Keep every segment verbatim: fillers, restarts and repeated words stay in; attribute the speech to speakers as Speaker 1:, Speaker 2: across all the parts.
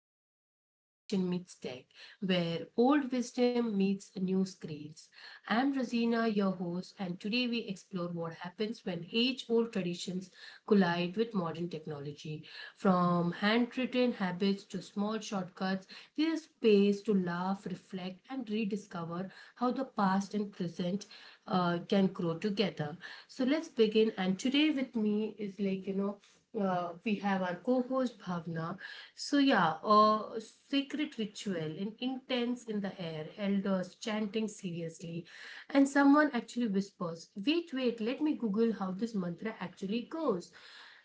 Speaker 1: to When the Tradition Meets Tech, where old wisdom meets new screens. I'm Rosina, your host, and today we explore what happens when age old traditions collide with modern technology. From handwritten habits to small shortcuts, there's space to laugh, reflect, and rediscover how the past and present uh, can grow together. So let's begin. And today with me is like, you know, uh, we have our co-host Bhavna. So yeah, a sacred ritual, an intense in the air, elders chanting seriously, and someone actually whispers, "Wait, wait, let me Google how this mantra actually goes."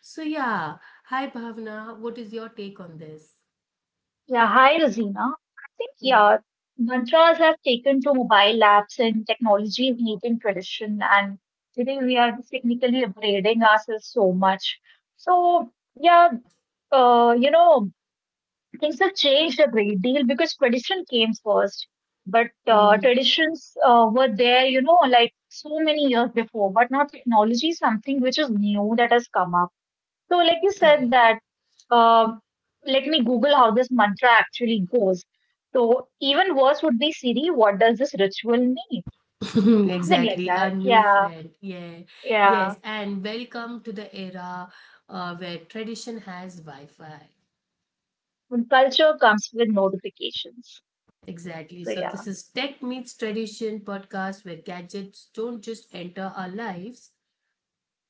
Speaker 1: So yeah, hi Bhavna, what is your take on this?
Speaker 2: Yeah, hi Razina. I think
Speaker 1: Yeah.
Speaker 2: yeah, mantras have taken to mobile apps and technology is eating tradition, and today we are technically upgrading ourselves so much. So yeah, uh, you know, things have changed a great deal because tradition came first, but uh,
Speaker 1: Mm,
Speaker 2: traditions uh, were there, you know, like so many years before, but now technology is something which is new that has come up so, like you said,
Speaker 1: correct.
Speaker 2: that uh, let me Google how this mantra actually goes. So, even worse would be Siri, what does this ritual mean? Something like
Speaker 1: Exactly. Our
Speaker 2: that.
Speaker 1: new
Speaker 2: Yeah,
Speaker 1: friend. Yeah.
Speaker 2: yeah.
Speaker 1: Yes. And welcome to the era uh, where tradition has Wi Fi.
Speaker 2: When culture comes with notifications.
Speaker 1: Exactly.
Speaker 2: So,
Speaker 1: So
Speaker 2: yeah,
Speaker 1: this is Tech Meets Tradition podcast where gadgets don't just enter our lives.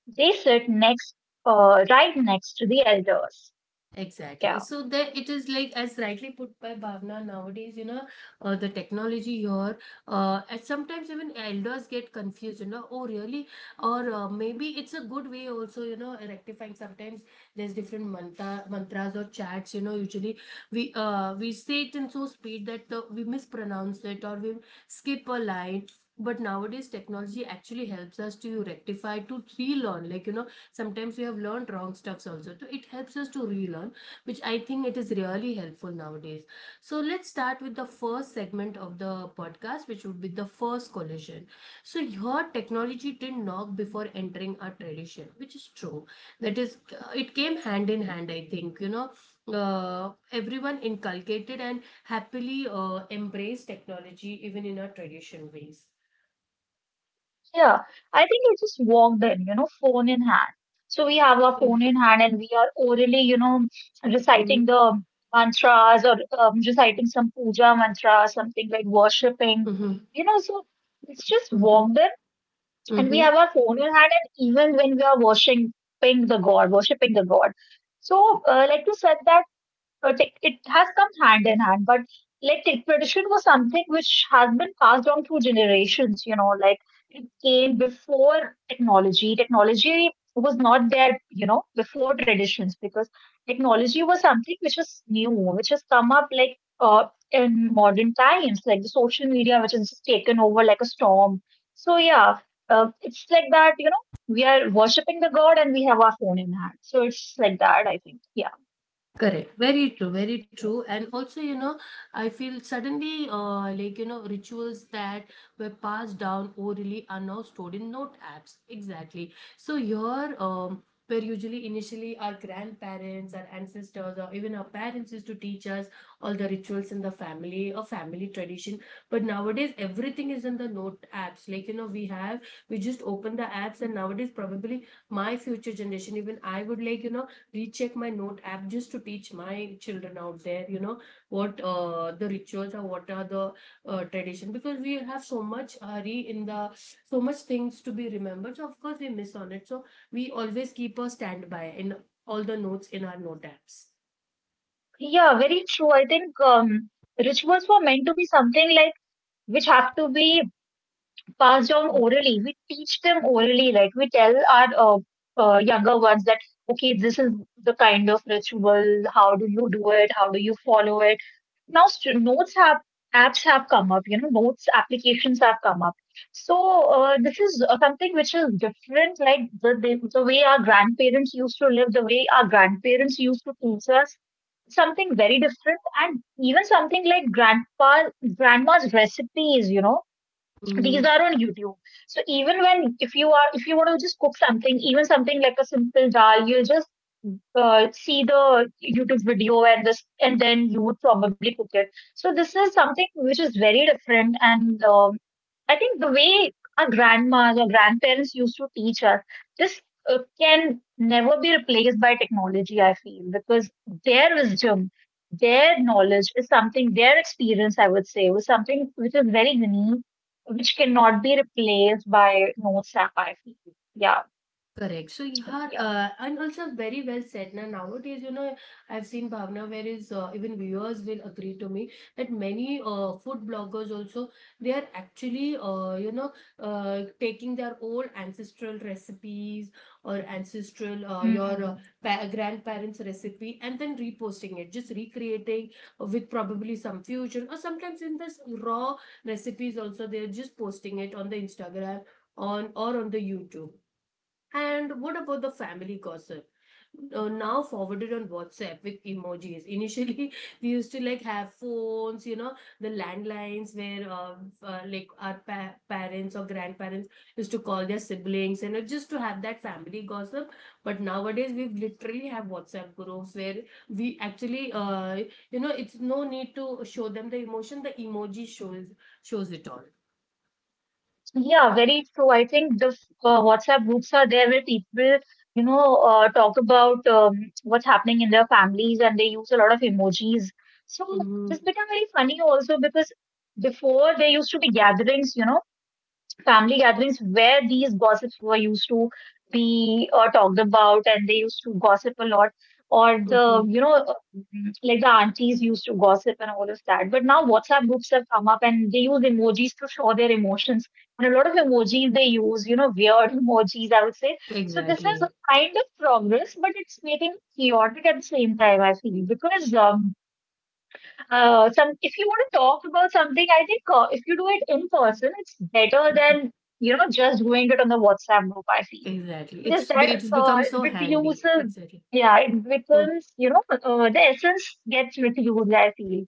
Speaker 2: they sit next, uh, right next to the elders.
Speaker 1: Exactly.
Speaker 2: Yeah.
Speaker 1: So there it is like, as rightly put by Bhavna, nowadays, you know, uh, the technology here, uh, and sometimes even elders get confused, you know, oh, really? Or uh, maybe it's a good way also, you know, rectifying. Sometimes there's different mantra, mantras or chats, you know, usually we uh, we say it in so speed that uh, we mispronounce it or we skip a line, but nowadays technology actually helps us to rectify, to relearn, like you know, sometimes we have learned wrong stuffs also, so it helps us to relearn, which I think it is really helpful nowadays. So let's start with the first segment of the podcast, which would be the first collision. So your technology didn't knock before entering our tradition, which is true. That is, uh, it came hand in hand, I think, you know, uh, everyone inculcated and happily uh, embraced technology even in our tradition ways.
Speaker 2: Yeah, I think I just walked in, you know, phone in hand. So we have our
Speaker 1: Yeah.
Speaker 2: phone in hand and we are orally, you know,
Speaker 1: Mhm.
Speaker 2: reciting the mantras or um, reciting some puja mantra, something like worshipping,
Speaker 1: Mhm.
Speaker 2: you know. So it's just
Speaker 1: Mhm.
Speaker 2: walked in and we
Speaker 1: Mhm.
Speaker 2: have our phone in hand, and even when we are worshiping the God, worshipping the God. So, uh, like you said, that uh, it has come hand in hand, but like tech tradition was something which has been passed on through generations, you know, like it came before technology. Technology was not there, you know, before traditions because technology was something which is new which has come up, like uh, in modern times, like the social media which has just taken over like a storm. So yeah, uh, it's like that, you know, we are worshipping the god and we have our phone in hand, so it's like that, I think. Yeah.
Speaker 1: Correct. Very true. Very true. And also, you know, I feel suddenly, uh, like you know, rituals that were passed down orally are now stored in note apps. Exactly. So here, um, where usually initially our grandparents, our ancestors, or even our parents used to teach us all the rituals in the family or family tradition. But nowadays, everything is in the note apps. Like you know, we have we just open the apps, and nowadays, probably my future generation, even I would like you know recheck my note app just to teach my children out there, you know, what uh, the rituals are, what are the uh, tradition, because we have so much hurry in the, so much things to be remembered, so of course we miss on it, so we always keep a standby in all the notes in our note apps.
Speaker 2: Yeah, very true. I think um, rituals were meant to be something like which have to be passed down orally. We teach them orally, right? We tell our uh, uh, younger ones that, okay, this is the kind of ritual. How do you do it? How do you follow it? Now, st- notes have apps have come up. You know, notes applications have come up. So uh, this is uh, something which is different, like the, the the way our grandparents used to live, the way our grandparents used to teach us something very different, and even something like grandpa grandma's recipes, you know. These
Speaker 1: Mhm.
Speaker 2: are on YouTube. So even when, if you are, if you want to just cook something, even something like a simple dal, you'll just uh, see the YouTube video and this, and then you would probably cook it. So this is something which is very different, and um, I think the way our grandmas or grandparents used to teach us, this uh, can never be replaced by technology. I feel because their wisdom, their knowledge is something, their experience, I would say, was something which is very unique, which cannot be replaced by notes app, I feel. yeah,
Speaker 1: Correct. So you are,
Speaker 2: yeah.
Speaker 1: uh, and also very well said. Now nowadays, you know, I've seen Bhavna, whereas uh, even viewers will agree to me that many uh, food bloggers also, they are actually, uh, you know, uh, taking their old ancestral recipes or ancestral uh, your uh,
Speaker 2: Mm.
Speaker 1: pa- grandparents' recipe and then reposting it, just recreating with probably some fusion or sometimes in this raw recipes also, they're just posting it on the Instagram on or on the YouTube. And what about the family gossip? Uh, now forwarded on WhatsApp with emojis. Initially, we used to like have phones, you know, the landlines where uh, uh, like our pa- parents or grandparents used to call their siblings and uh, just to have that family gossip. But nowadays, we literally have WhatsApp groups where we actually, uh, you know, it's no need to show them the emotion. The emoji shows shows it all.
Speaker 2: Yeah, very true. I think the uh, WhatsApp groups are there where people, you know, uh, talk about um, what's happening in their families, and they use a lot of emojis. So
Speaker 1: Mm-hmm.
Speaker 2: this became very funny also, because before there used to be gatherings, you know, family gatherings where these gossips were used to be uh, talked about, and they used to gossip a lot. Or the,
Speaker 1: Mm-hmm.
Speaker 2: you know, uh, like the aunties used to gossip and all of that, but now WhatsApp groups have come up and they use emojis to show their emotions, and a lot of emojis they use, you know, weird emojis, I would say. So this is
Speaker 1: Exactly.
Speaker 2: a kind of progress, but it's making chaotic at the same time, I feel, because um, uh, some, if you want to talk about something, I think uh, if you do it in person, it's better
Speaker 1: Mm-hmm.
Speaker 2: than, you know, just doing it on the WhatsApp group, I feel.
Speaker 1: Exactly.
Speaker 2: Because
Speaker 1: It's
Speaker 2: that
Speaker 1: it's
Speaker 2: uh,
Speaker 1: become so handy.
Speaker 2: reduces,
Speaker 1: Exactly.
Speaker 2: yeah, it becomes, you know, uh, the essence gets reduced, I feel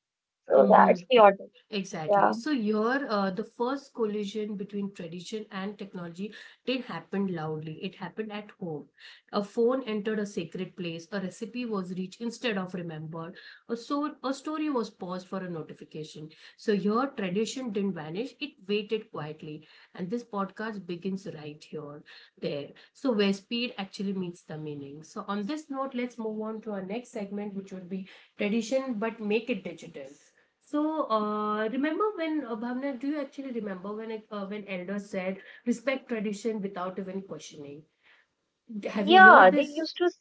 Speaker 2: so. Yeah,
Speaker 1: Mm-hmm.
Speaker 2: it's chaotic.
Speaker 1: Exactly.
Speaker 2: Yeah.
Speaker 1: So your uh, the first collision between tradition and technology did happen loudly. It happened at home. A phone entered a sacred place. A recipe was reached instead of remembered. A so a story was paused for a notification. So your tradition didn't vanish. It waited quietly. And this podcast begins right here. There. So, where speed actually meets the meaning. So, on this note, let's move on to our next segment, which would be tradition but make it digital. So, uh, remember when, uh, Bhavna, do you actually remember when it- uh, when elders said respect tradition without even questioning? D- Have you
Speaker 2: Yeah,
Speaker 1: heard
Speaker 2: they
Speaker 1: this?
Speaker 2: used to,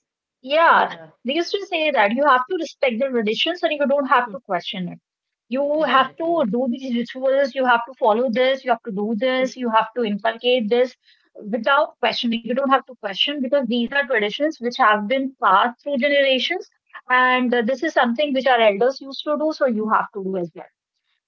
Speaker 2: yeah,
Speaker 1: Yeah,
Speaker 2: they used to say that you have to respect the traditions and you don't have
Speaker 1: mm,
Speaker 2: to question it. You have
Speaker 1: exactly.
Speaker 2: to do these rituals, you have to follow this, you have to do
Speaker 1: Hmm.
Speaker 2: this, you have to inculcate this without questioning. You don't have to question because these are traditions which have been passed through generations, and uh, this is something which our elders used to do, so you have to do as well.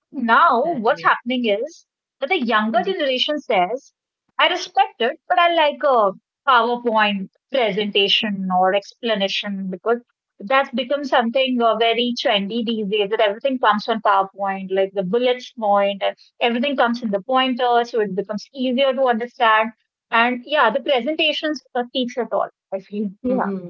Speaker 2: Now, what's
Speaker 1: Exactly.
Speaker 2: happening is that the younger generation says, I respect it, but I like a PowerPoint presentation or explanation because that's become something uh, very trendy these days, that everything comes on PowerPoint, like the bullets point and everything comes in the pointer, so it becomes easier to understand. And yeah, the presentations uh, teach it all, I feel. Yeah,
Speaker 1: Mm-hmm.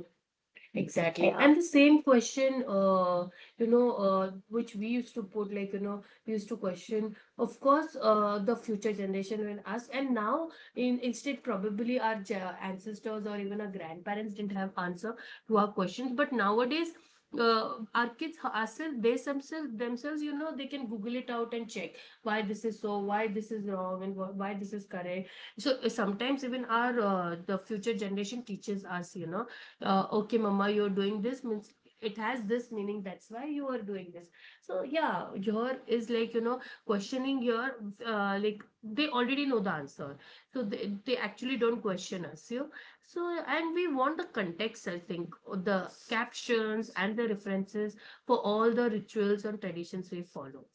Speaker 1: Exactly.
Speaker 2: yeah.
Speaker 1: And the same question, uh, you know, uh, which we used to put, like, you know, we used to question, of course, uh, the future generation will ask. And now, in instead, probably our ja- ancestors or even our grandparents didn't have answer to our questions. But nowadays, uh, our kids ourselves, they themselves, themselves, you know, they can Google it out and check why this is so, why this is wrong, and wh- why this is correct. So uh, sometimes even our uh, the future generation teaches us, you know, uh, okay mama, you're doing this means it has this meaning, that's why you are doing this. So yeah, your is like you know questioning your, uh, like they already know the answer, so they, they actually don't question us you. So and we want the context, I think, the captions and the references for all the rituals and traditions we follow.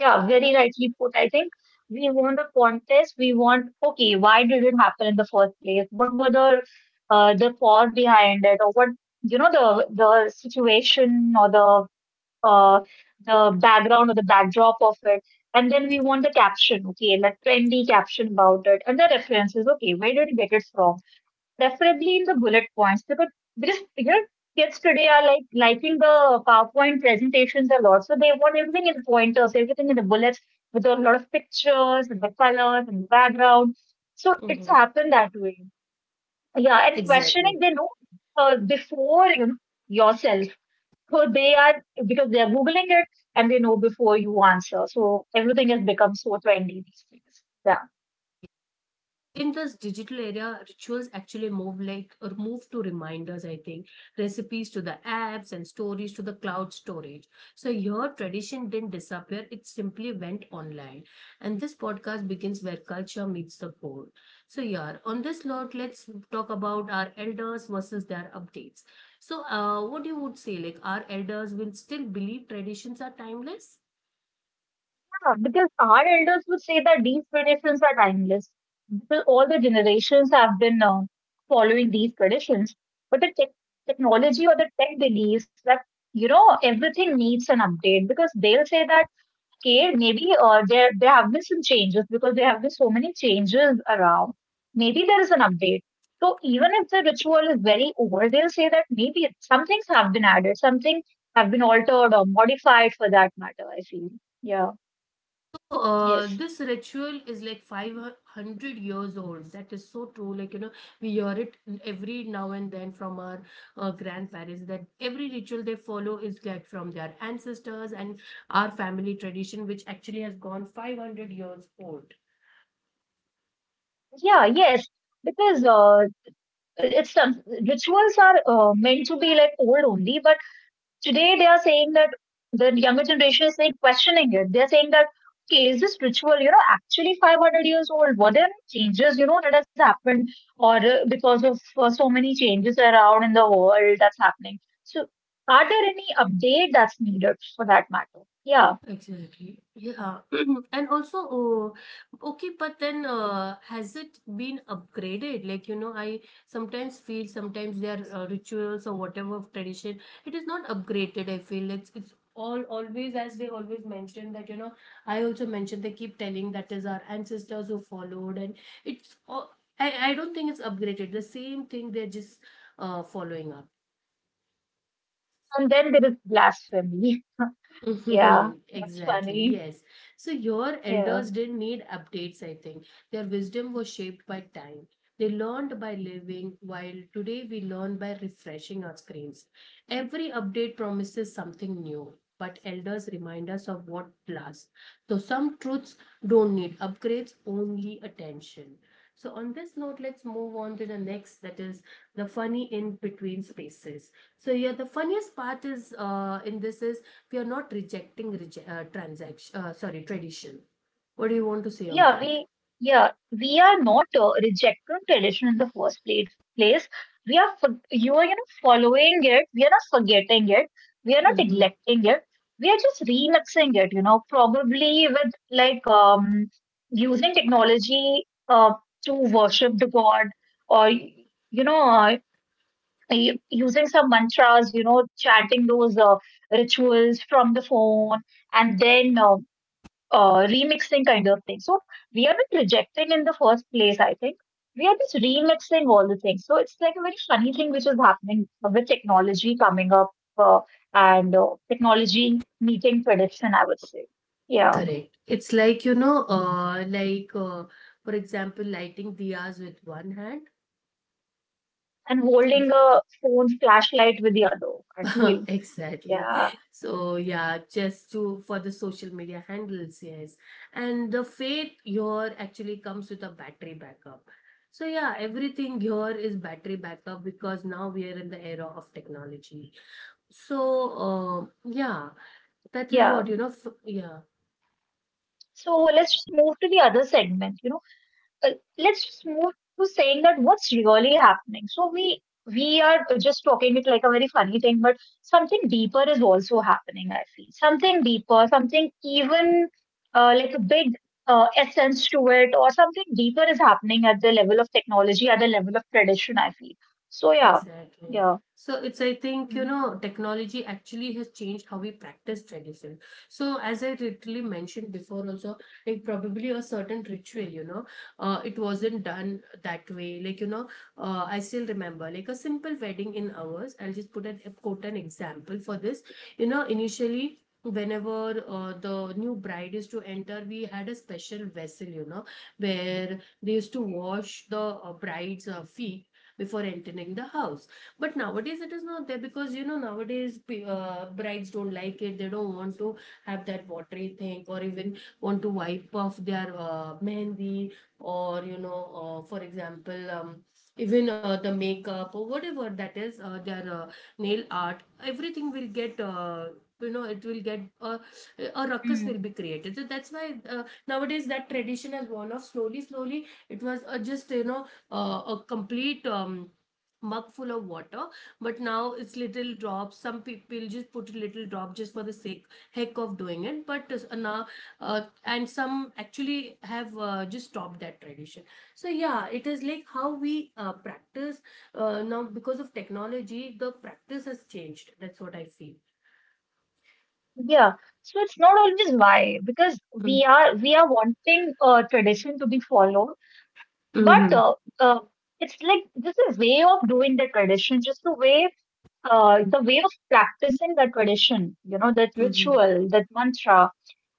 Speaker 2: Yeah, very rightly put. I think we want the contest. We want, okay, why did it happen in the first place? What were the uh, the cause behind it, or what, you know, the the situation or the uh, the background or the backdrop of it, and then we want the caption. Okay, like trendy caption about it, and the references. Okay, where did you get it from? Preferably in the bullet points, because because you know kids today are like liking the PowerPoint presentations a lot. So they want everything in pointers, everything in the bullets with a lot of pictures and the colors and the background. So it's
Speaker 1: Mhm.
Speaker 2: happened that way. Yeah, and questioning
Speaker 1: Exactly.
Speaker 2: they know uh, before you know, yourself. So they are because they are googling it, and they know before you answer. So everything has become so trendy these days. Yeah.
Speaker 1: In this digital area, rituals actually move like or move to reminders, I think, recipes to the apps and stories to the cloud storage. So your tradition didn't disappear, it simply went online. And this podcast begins where culture meets the core. So yeah, on this note, let's talk about our elders versus their updates. So uh, what you would say, like our elders will still believe traditions are timeless?
Speaker 2: Yeah, because our elders would say that these traditions are timeless. Because all the generations have been uh, following these traditions. But the tech technology or the tech believes that, you know, everything needs an update because they'll say that, okay, maybe uh, there, there have been some changes because there have been so many changes around. Maybe there is an update. So even if the ritual is very old, they'll say that maybe it- some things have been added, some things have been altered or modified for that matter, I feel. Yeah.
Speaker 1: Uh,
Speaker 2: Yes.
Speaker 1: this ritual is like five hundred years old. That is so true. Like, you know, we hear it every now and then from our uh, grandparents that every ritual they follow is get from their ancestors and our family tradition, which actually has gone five hundred years old.
Speaker 2: Yeah, yes, because uh, it's some- rituals are uh, meant to be like old only, but today they are saying that the younger generation is saying questioning it. They're saying that okay, is this ritual, you know, actually five hundred years old? What are the changes, you know, that has happened, or uh, because of uh, so many changes around in the world that's happening? So, are there any update that's needed for that matter? Yeah,
Speaker 1: Exactly. Yeah. And also, oh, okay, but then uh, has it been upgraded? Like, you know, I sometimes feel sometimes their uh, rituals or whatever of tradition, it is not upgraded, I feel. It's it's all always as they always mention that, you know, I also mentioned they keep telling that is our ancestors who followed and it's all, I, I don't think it's upgraded. The same thing they're just uh, following up.
Speaker 2: and then there is blasphemy. Yeah, that's
Speaker 1: Exactly,
Speaker 2: funny.
Speaker 1: yes. So your
Speaker 2: Yeah.
Speaker 1: elders didn't need updates, I think. Their wisdom was shaped by time. They learned by living, while today we learn by refreshing our screens. Every update promises something new, but elders remind us of what lasts. So, some truths don't need upgrades, only attention. So, on this note, let's move on to the next, that is the funny in between spaces. So, yeah, the funniest part is uh, in this is we are not rejecting reje- uh, transaction, uh, sorry, tradition. What do you want to say
Speaker 2: Yeah,
Speaker 1: on that?
Speaker 2: we yeah we are not uh, rejecting tradition in the first place. Place we are for- you are, you know, following it. We are not forgetting it. We are not
Speaker 1: Mm-hmm.
Speaker 2: neglecting it. We are just remixing it. You know, probably with, like, um using technology uh to worship the god, or you know uh, y- using some mantras. You know, chanting those uh, rituals from the phone and then. Uh, uh, remixing kind of thing. So we are not rejecting in the first place, I think. We are just remixing all the things. So it's like a very funny thing which is happening with technology coming up, uh, and uh, technology meeting prediction, I would say. Yeah.
Speaker 1: Correct. It's like, you know, uh, like, uh, for example, lighting diyas with one hand.
Speaker 2: And holding a phone flashlight with the other, I feel.
Speaker 1: Exactly.
Speaker 2: Yeah.
Speaker 1: So, yeah, just to for the social media handles, yes. And the faith here actually comes with a battery backup. So, yeah, everything here is battery backup because now we are in the era of technology. So, uh, yeah, that is
Speaker 2: Yeah.
Speaker 1: what, you know, f yeah.
Speaker 2: So let's move to the other segment. You know, uh, let's just move to saying that what's really happening. So we we are just talking it like a very funny thing, but something deeper is also happening. I feel something deeper, something even uh, like a big uh, essence to it, or something deeper is happening at the level of technology, at the level of tradition, I feel so. Yeah,
Speaker 1: Exactly.
Speaker 2: yeah.
Speaker 1: So it's, I think, you
Speaker 2: Mm.
Speaker 1: know, technology actually has changed how we practice tradition. So as I literally mentioned before also, like probably a certain ritual, you know, uh, it wasn't done that way. Like, you know, uh, I still remember like a simple wedding in ours. I'll just put an quote an example for this. You know, initially, whenever uh, the new bride is to enter, we had a special vessel, you know, where they used to wash the uh, bride's uh, feet before entering the house. But nowadays it is not there because you know nowadays p- uh, brides don't like it. They don't want to have that watery thing or even want to wipe off their uh, mehndi, or you know uh, for example um, even uh, the makeup or whatever that is uh, their uh, nail art, everything will get uh, you know, it will get uh, a ruckus will be
Speaker 2: Mm.
Speaker 1: created. So that's why uh, nowadays that tradition has worn off slowly, slowly. It was uh, just you know uh, a complete um, mug full of water, but now it's little drops. Some people just put a little drop just for the sake, heck of doing it. But uh, now uh, and some actually have uh, just stopped that tradition. So yeah, it is like how we uh, practice uh, now because of technology the practice has changed, that's what I feel.
Speaker 2: Yeah, so it's not always why, because
Speaker 1: Mm-hmm.
Speaker 2: we are we are wanting uh, tradition to be followed. But
Speaker 1: Mm-hmm.
Speaker 2: uh, uh, it's like just a way of doing the tradition, just the way uh, the way of practicing the tradition, you know, that ritual, that mantra,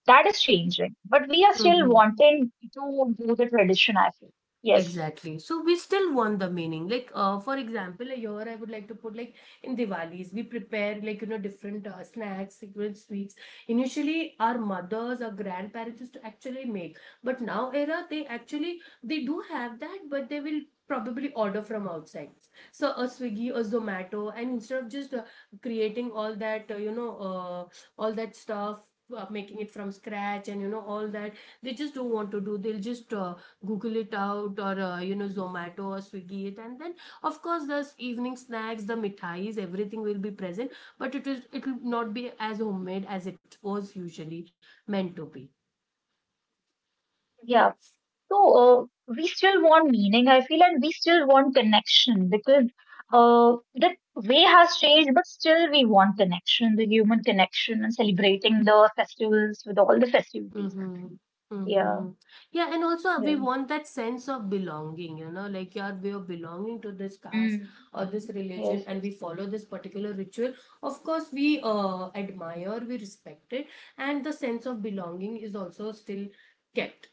Speaker 2: that is changing. But we are still
Speaker 1: Mm-hmm.
Speaker 2: wanting to do the tradition, I feel. Yes.
Speaker 1: Exactly. So we still want the meaning. Like, uh, for example, here I would like to put like in Diwalis, we prepare like you know different uh, snacks, secret sweets. Initially, our mothers or grandparents used to actually make, but now era they actually they do have that, but they will probably order from outside. So a Swiggy, a Zomato, and instead of just uh, creating all that uh, you know uh, all that stuff uh, making it from scratch and you know all that they just don't want to do they'll just uh, google it out or uh, you know zomato or swiggy it, and then of course the s- evening snacks, the mithais, everything will be present, but it is it will not be as homemade as it was usually meant to be.
Speaker 2: Yeah. So uh, we still want meaning, I feel, and we still want connection, because uh, the way has changed, but still we want connection, the human connection, and celebrating the festivals with all the festivities.
Speaker 1: Mm-hmm.
Speaker 2: Actually. Yeah.
Speaker 1: Mm-hmm. Yeah, and also we
Speaker 2: Yeah.
Speaker 1: want that sense of belonging, you know, like, yeah, we are belonging to this caste
Speaker 2: Mm.
Speaker 1: or this religion,
Speaker 2: Yes,
Speaker 1: and
Speaker 2: yes.
Speaker 1: we follow this particular ritual. Of course, we uh, admire, we respect it, and the sense of belonging is also still kept.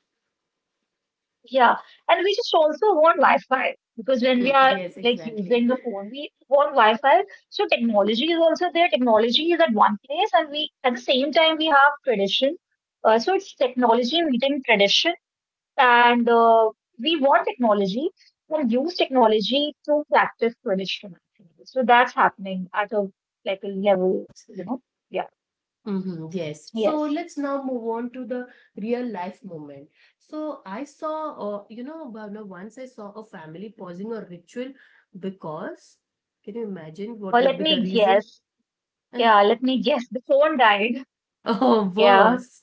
Speaker 2: Yeah. And we just also want Wi-Fi, because when we
Speaker 1: Mm,
Speaker 2: are
Speaker 1: yes,
Speaker 2: like
Speaker 1: exactly.
Speaker 2: using the phone, we want Wi-Fi. So technology is also there. Technology is at one place, and we at the same time we have tradition. Uh, so it's technology meeting tradition, and uh, we want technology and use technology to practice tradition. Actually. So that's happening at a like a level, you know. Yeah.
Speaker 1: Hmm, yes. So
Speaker 2: Yes.
Speaker 1: let's now move on to the real life moment. So I saw, uh, you know, Bhavna, once I saw a family pausing a ritual because can you imagine what
Speaker 2: Well,
Speaker 1: would
Speaker 2: let
Speaker 1: be the
Speaker 2: me
Speaker 1: reason?
Speaker 2: guess. Yeah, let me guess. The phone died.
Speaker 1: Oh,
Speaker 2: Yeah,
Speaker 1: worse.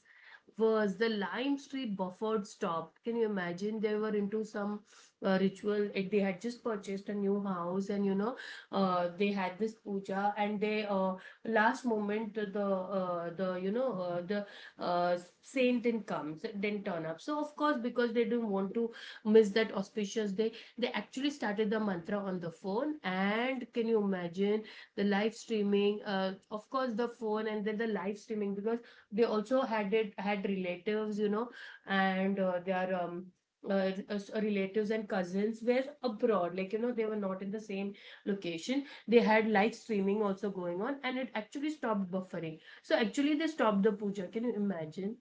Speaker 1: Was the Lime Street Buffet stopped. Can you imagine? They were into some uh, ritual. Like they had just purchased a new house, and you know, uh, they had this puja, and they uh, last moment the the, uh, the you know uh, the uh, saint didn't come, didn't turn up. So of course, because they didn't want to miss that auspicious day, they actually started the mantra on the phone. And can you imagine the live streaming? Uh, of course, the phone and then the live streaming because they also had it had relatives, you know, and uh, their um uh, uh, s- uh, relatives and cousins were abroad, like you know, they were not in the same location. They had live streaming also going on, and it actually stopped buffering. So actually they stopped the puja. Can you imagine?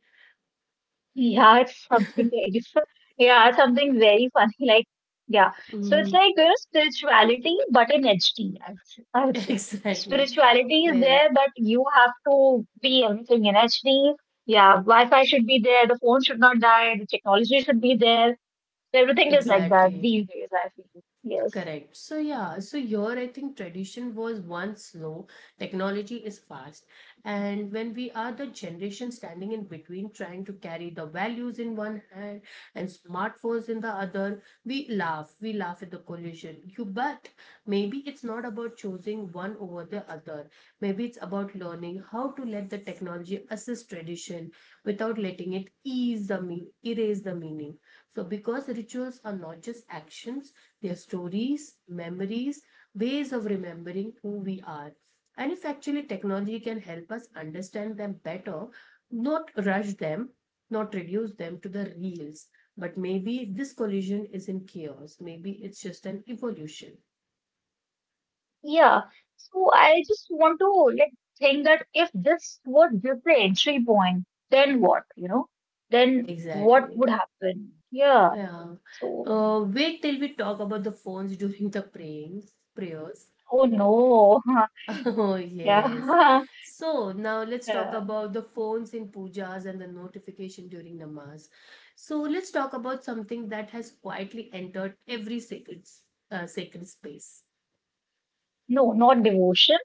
Speaker 2: yeah, it's something very, yeah, something very funny. Like, yeah, so it's
Speaker 1: Mm,
Speaker 2: like, you know, spirituality, but in H D, I would say. I would say.
Speaker 1: exactly.
Speaker 2: Spirituality is
Speaker 1: Where it
Speaker 2: there, but you have to be everything in H D. Yeah, Wi-Fi should be there, the phone should not die, the technology should be there. Everything is like that
Speaker 1: exactly.
Speaker 2: these days, I feel. Yes.
Speaker 1: Correct. So yeah, so here I think tradition was once slow, technology is fast, and when we are the generation standing in between, trying to carry the values in one hand and smartphones in the other, we laugh. We laugh at the collision. You but maybe it's not about choosing one over the other. Maybe it's about learning how to let the technology assist tradition without letting it ease the mean erase the meaning. So because rituals are not just actions, their stories, memories, ways of remembering who we are. And if actually technology can help us understand them better, not rush them, not reduce them to the reals. But maybe this collision isn't chaos. Maybe it's just an evolution.
Speaker 2: Yeah, so I just want to like think that if this was just the entry point, then what, you know? Then what
Speaker 1: Exactly.
Speaker 2: would happen? Yeah.
Speaker 1: Yeah.
Speaker 2: So,
Speaker 1: Uh, wait till we talk about the phones during the praying prayers.
Speaker 2: oh no.
Speaker 1: Oh, yes.
Speaker 2: Yeah.
Speaker 1: So now let's talk
Speaker 2: Yeah.
Speaker 1: about the phones in pujas and the notification during namaz. So let's talk about something that has quietly entered every sacred, s- uh, sacred space.
Speaker 2: No, not devotion.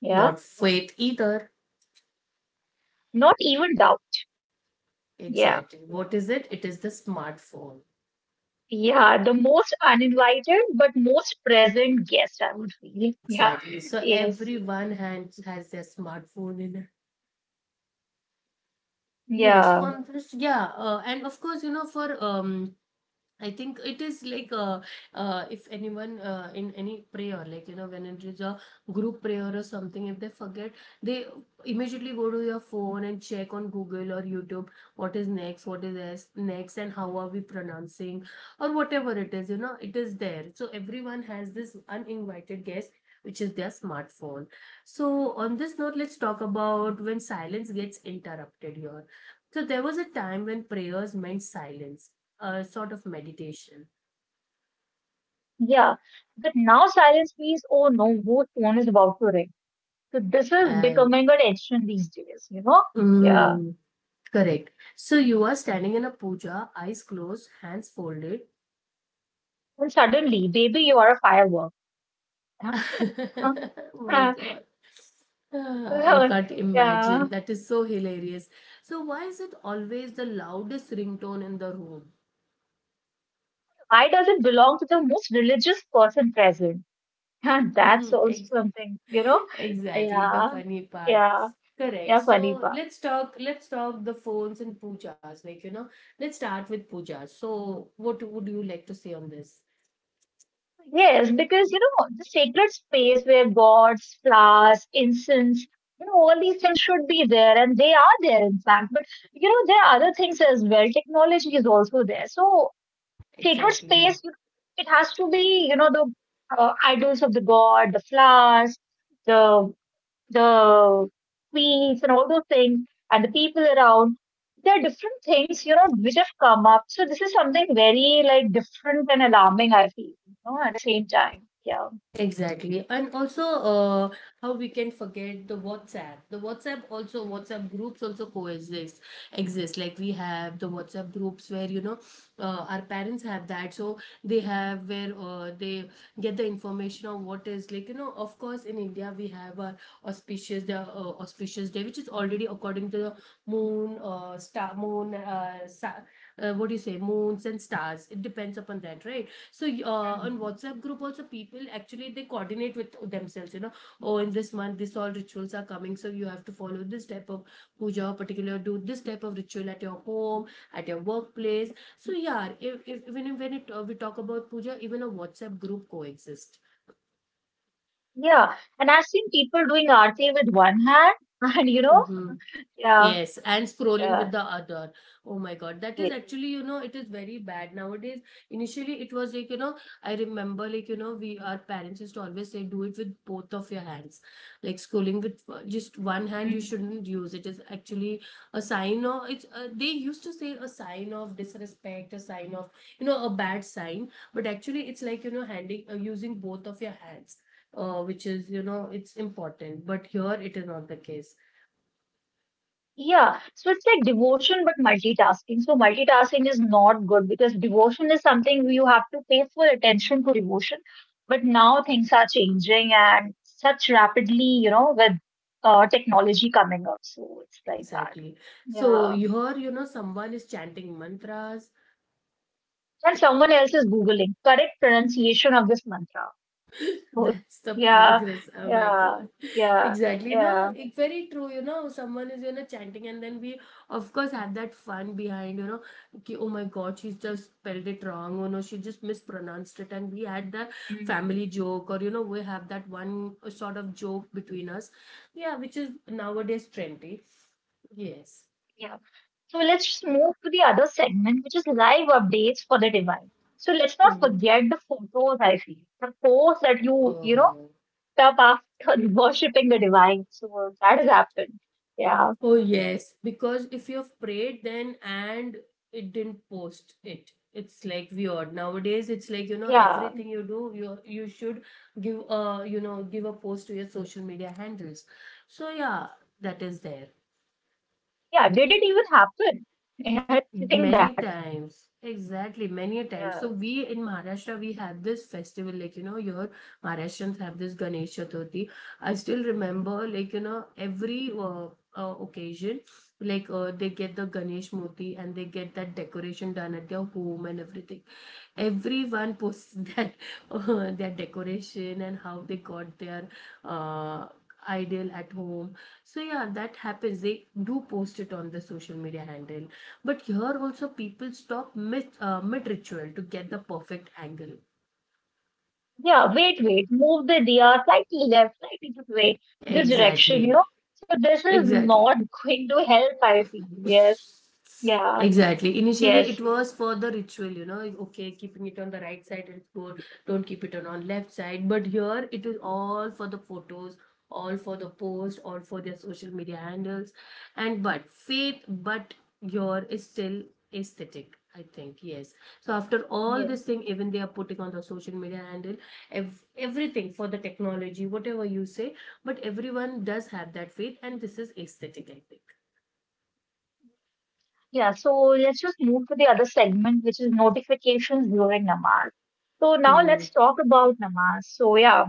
Speaker 2: Yeah.
Speaker 1: Not faith either.
Speaker 2: Not even doubt. Yeah.
Speaker 1: Exactly. What is it? It is the smartphone.
Speaker 2: Yeah. The most uninvited but most present guest, I would feel. Yeah.
Speaker 1: Exactly. So
Speaker 2: Yes.
Speaker 1: everyone hand has their smartphone in it. Yes,
Speaker 2: Yeah.
Speaker 1: on this, yeah, uh, and of course, you know, for um, I think it is like uh, uh, if anyone uh, in any prayer, like you know, when it is a group prayer or something, if they forget, they immediately go to your phone and check on Google or YouTube what is next, what is this next, and how are we pronouncing, or whatever it is, you know, it is there. So everyone has this uninvited guest, which is their smartphone. So, on this note, let's talk about when silence gets interrupted here. So, there was a time when prayers meant silence, a sort of meditation.
Speaker 2: Yeah. But now silence means, oh no, whose phone is about to ring? So this is
Speaker 1: And
Speaker 2: becoming an addiction these days, you know? Yeah.
Speaker 1: mm, correct. So you are standing in a puja, eyes closed, hands folded.
Speaker 2: And suddenly, baby, you are a firework.
Speaker 1: My
Speaker 2: Yeah.
Speaker 1: God.
Speaker 2: Uh,
Speaker 1: Ah, I
Speaker 2: uh,
Speaker 1: can't
Speaker 2: yeah.
Speaker 1: imagine. That is so hilarious. So why is it always the loudest ringtone in the room?
Speaker 2: I doesn't belong to the most religious person present. Yeah, that's also
Speaker 1: Ex-
Speaker 2: something, you know?
Speaker 1: exactly, the
Speaker 2: Yeah.
Speaker 1: funny part.
Speaker 2: Yeah.
Speaker 1: Correct.
Speaker 2: Yeah, funny
Speaker 1: So
Speaker 2: part.
Speaker 1: let's talk let's talk the phones and pujas. Like, you know, let's start with pujas. So what would you like to say on this?
Speaker 2: Yes, because you know, the sacred space where gods, flowers, incense, you know, all these things should be there and they are there in fact. You know, there are other things as well. Technology is also there. So sacred
Speaker 1: Exactly.
Speaker 2: space, you know, it has to be, you know, the uh, idols of the god, the flowers, the the queens, and all those things, and the people around. There are different things, you know, which have come up. So this is something very like different and alarming. I feel, you know, at the same time, yeah.
Speaker 1: Exactly. And also, uh, how we can forget the WhatsApp. The WhatsApp also, WhatsApp groups also coexist, exist. Like we have the WhatsApp groups where, you know, uh, our parents have that. So they have where uh, they get the information of what is like, you know, of course, in India, we have our auspicious, the uh, auspicious day, which is already according to the moon, uh, star, moon, uh, sa- uh, what do you say, moons and stars. It depends upon that, right? So y- uh, on
Speaker 2: Hmm.
Speaker 1: WhatsApp group also people actually they coordinate with themselves. You know, oh in this month this all rituals are coming, so you have to follow this type of puja, or particular do this type of ritual at your home, at your workplace. So yeah, if, if even if- when it uh, we talk about puja, even a WhatsApp group coexist.
Speaker 2: Yeah, and I've seen people doing arti with one hand, and you know,
Speaker 1: Mm-hmm.
Speaker 2: yeah,
Speaker 1: Yes, and scrolling
Speaker 2: yeah,
Speaker 1: with the other. Oh my God, that is actually, you know, it is very bad nowadays. Initially, it was like, you know, I remember, like, you know, we, our parents used to always say, do it with both of your hands. Like scrolling with uh, just one hand, you
Speaker 2: yeah.
Speaker 1: shouldn't use. It is actually a sign of, it's, uh, they used to say a sign of disrespect, a sign of, you know, a bad sign. But actually, it's like, you know, handing, uh, using both of your hands. Uh, which is, you know, it's important, but here it is not the case.
Speaker 2: Yeah, so it's like devotion but multitasking. So multitasking is not good because devotion is something you have to pay full attention to devotion. But now things are changing and such rapidly, you know, with uh, technology coming up. So it's like that.
Speaker 1: Exactly. So
Speaker 2: Yeah.
Speaker 1: you heard, you know, someone is chanting mantras.
Speaker 2: And someone else is Googling correct pronunciation of this mantra. So
Speaker 1: That's the
Speaker 2: yeah,
Speaker 1: progress. Oh my
Speaker 2: yeah,
Speaker 1: God.
Speaker 2: yeah,
Speaker 1: Exactly. No,
Speaker 2: yeah.
Speaker 1: it's very true. You know, someone is, you know, chanting, and then we, of course, have that fun behind, you know, ki, oh my God, she's just spelled it wrong. Oh no, she just mispronounced it. And we had the
Speaker 2: Mm.
Speaker 1: family joke, or, you know, we have that one sort of joke between us. Yeah, which is nowadays trendy. Yes.
Speaker 2: Yeah. So let's just move to the other segment, which is live updates for the divine. So let's not
Speaker 1: Hmm.
Speaker 2: forget the photos I feel, the posts that you, you know, put up after worshipping the divine. So that has happened. Yeah.
Speaker 1: Oh, yes, because if you've prayed then and it didn't post it, it's like weird. Nowadays, it's like, you know,
Speaker 2: Yeah.
Speaker 1: everything you do, you you should give a, you know, give a post to your social media handles. So yeah, that is there.
Speaker 2: Yeah. Did it even happen? Yeah. I think
Speaker 1: Many
Speaker 2: that.
Speaker 1: times, exactly, many times.
Speaker 2: Yeah.
Speaker 1: So we in Maharashtra, we have this festival, like, you know, your Maharashtrians have this Ganesh Chaturthi. I still remember, like, you know, every uh, uh, occasion like uh, they get the ganesh murti and they get that decoration done at their home, and everything everyone posts that uh, their decoration and how they got their uh, ideal at home. So yeah, that happens. They do post it on the social media handle, but here also people stop mid uh, mid ritual to get the perfect angle.
Speaker 2: Yeah. Wait, wait. Move the diya slightly left, slightly this way, this
Speaker 1: Exactly.
Speaker 2: direction, you know. So this is
Speaker 1: Exactly.
Speaker 2: not going to help, I feel. Yes. Yeah.
Speaker 1: Exactly. Initially,
Speaker 2: Yes.
Speaker 1: it was for the ritual, you know, okay, keeping it on the right side, is good. Don't keep it on on left side. But here, it is all for the photos, all for the post, all for their social media handles. And but faith, but your is still aesthetic. I think yes. So after all this
Speaker 2: Yes.
Speaker 1: thing, even they are putting on the social media handle, ev- everything for the technology, whatever you say, but everyone does have that faith, and this is aesthetic. I think.
Speaker 2: Yeah, so let's just move to the other segment, which is notifications during namaz. So now
Speaker 1: Mm.
Speaker 2: let's talk about namaz. So yeah,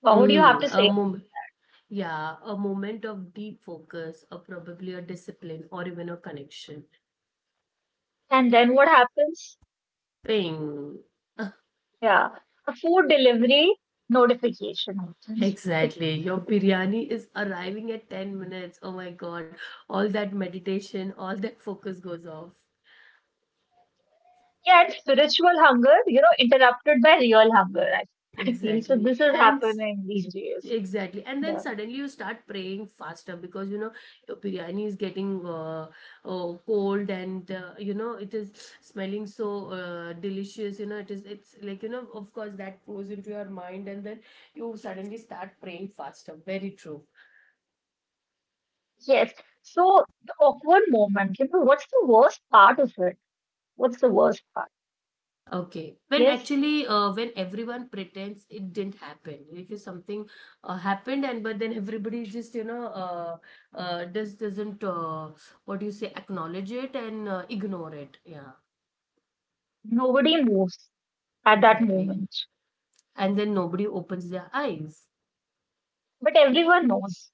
Speaker 2: what would you have
Speaker 1: Mm,
Speaker 2: to
Speaker 1: a
Speaker 2: say?
Speaker 1: mom- Yeah, a moment of deep focus, or probably a discipline, or even a connection.
Speaker 2: And then what happens?
Speaker 1: Ping.
Speaker 2: Yeah, a food delivery notification happens.
Speaker 1: Exactly. Your biryani is arriving at ten minutes. Oh my God. All that meditation, all that focus goes off.
Speaker 2: Yeah, spiritual hunger, you know, interrupted by real hunger. I, I feel so.
Speaker 1: Exactly.
Speaker 2: This is
Speaker 1: And
Speaker 2: happening these days.
Speaker 1: exactly. And then
Speaker 2: Yeah.
Speaker 1: suddenly you start praying faster because you know your biryani is getting uh, oh, cold, and uh, you know it is smelling so uh, delicious. You know, it is, it's like, you know, of course that goes into your mind, and then you suddenly start praying faster. Very true.
Speaker 2: Yes. So the awkward moment. You know, what's the worst part of it? What's the worst part?
Speaker 1: Okay. When
Speaker 2: Yes,
Speaker 1: actually, uh, when everyone pretends it didn't happen, like if you- something uh, happened, and but then everybody just, you know, uh, uh, just doesn't, uh, what do you say, acknowledge it and uh, ignore it. Yeah.
Speaker 2: nobody moves at that
Speaker 1: Exactly.
Speaker 2: moment.
Speaker 1: And then nobody opens their eyes.
Speaker 2: But everyone knows.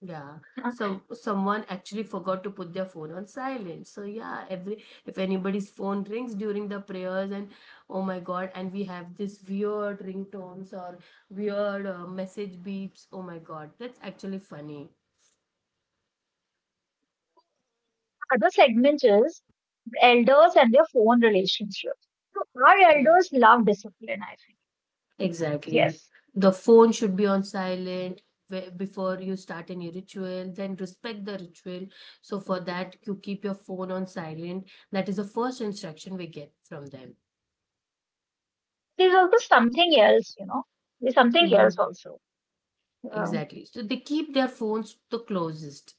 Speaker 1: Yeah. So someone actually forgot to put their phone on silent. So yeah, every if anybody's phone rings during the prayers and oh my God, and we have this weird ringtones or weird uh, message beeps. Oh my God, that's actually funny.
Speaker 2: Other segment is elders and their phone relationship. So our
Speaker 1: Yeah.
Speaker 2: elders love discipline, I think.
Speaker 1: Exactly.
Speaker 2: Yes.
Speaker 1: The phone should be on silent whe- before you start any ritual. Then respect the ritual. So, for that, you keep your phone on silent. That is the first instruction we get from them.
Speaker 2: There's also something else, you know. There's something else
Speaker 1: Mhm.
Speaker 2: also. Um,
Speaker 1: Exactly. So, they keep their phones the closest.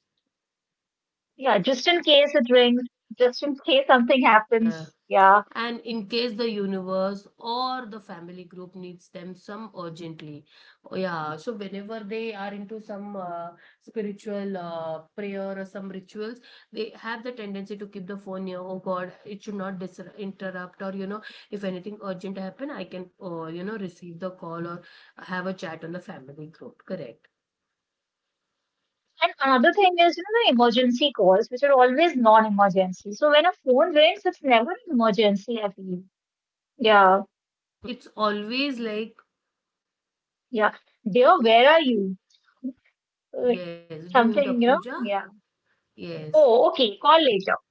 Speaker 2: yeah, just in case it rings, just in case something
Speaker 1: Uh,
Speaker 2: happens. Yeah.
Speaker 1: and in case the universe or the family group needs them some urgently. Oh, yeah, so whenever they are into some uh, spiritual uh, prayer or some rituals, they have the tendency to keep the phone near. Oh god, it should not dis- interrupt, or you know, if anything urgent happen, I can uh, you know, receive the call or have a chat on the family group. Correct.
Speaker 2: And another thing is, you know, the emergency calls, which are always non-emergency. So when a phone rings, it's never an emergency, I feel. Yeah.
Speaker 1: It's always like,
Speaker 2: Yeah. Dear, where are you? Uh,
Speaker 1: yes, doing the
Speaker 2: Something, you know?
Speaker 1: puja.
Speaker 2: Yeah.
Speaker 1: Yes.
Speaker 2: Oh, okay. Call later.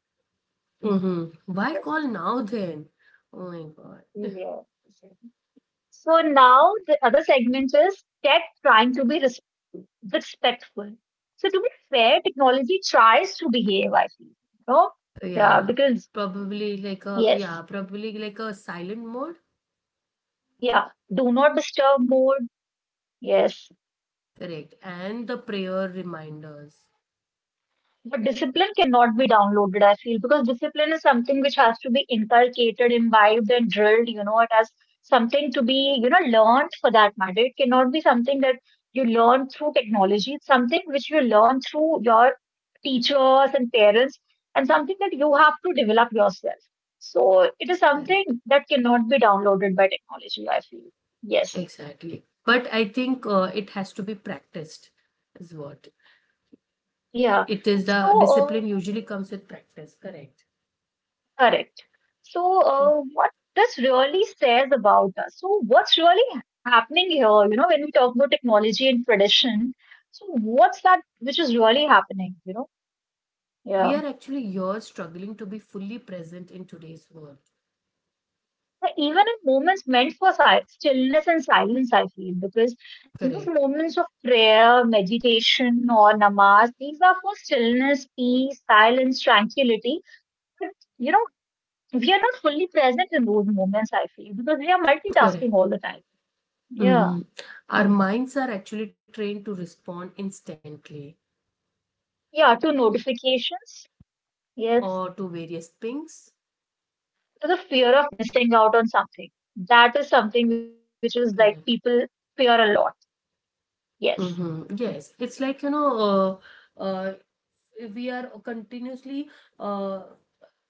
Speaker 1: Mm-hmm. Why
Speaker 2: Yes.
Speaker 1: call now then? Oh my god.
Speaker 2: Yeah. So now the other segment is tech trying to be res- respectful. So to be fair, technology tries to behave, I feel. You know? Yeah,
Speaker 1: Yeah,
Speaker 2: because
Speaker 1: probably like a
Speaker 2: yes,
Speaker 1: yeah, probably like a silent mode.
Speaker 2: yeah. Do not disturb mode. Yes.
Speaker 1: Correct. And the prayer reminders.
Speaker 2: But discipline cannot be downloaded, I feel, because discipline is something which has to be inculcated, imbibed, and drilled. You know, it has something to be, you know, learned for that matter. It cannot be something that you learn through technology. It's something which you learn through your teachers and parents, and something that you have to develop yourself. So it is
Speaker 1: Correct.
Speaker 2: something that cannot be downloaded by technology, I feel. Yes.
Speaker 1: Exactly. But I think uh, it has to be practiced, is what
Speaker 2: Yeah.
Speaker 1: it is.
Speaker 2: So,
Speaker 1: The
Speaker 2: um,
Speaker 1: discipline usually comes with practice. Correct.
Speaker 2: correct. So, uh, what this really says about us. So, what's really happening here, you know, when we talk about technology and tradition, so what's that which is really happening, you know?
Speaker 1: We
Speaker 2: Yeah.
Speaker 1: are actually here struggling to be fully present in today's world.
Speaker 2: So even in moments meant for si stillness and silence, I feel, because these
Speaker 1: Correct.
Speaker 2: moments of prayer, meditation, or namaz, these are for stillness, peace, silence, tranquility. But, you know, we are not fully present in those moments, I feel, because we are
Speaker 1: Correct.
Speaker 2: multitasking all the time. Yeah.
Speaker 1: Hmm. Our minds are actually trained to respond instantly,
Speaker 2: Yeah, to notifications.
Speaker 1: or
Speaker 2: Yes.
Speaker 1: to various pings.
Speaker 2: To the fear of missing out on something. That is something which is
Speaker 1: Correct.
Speaker 2: like people fear a lot. Yes.
Speaker 1: Mm-hmm. Yes, it's like you know, uh, uh, we are continuously uh,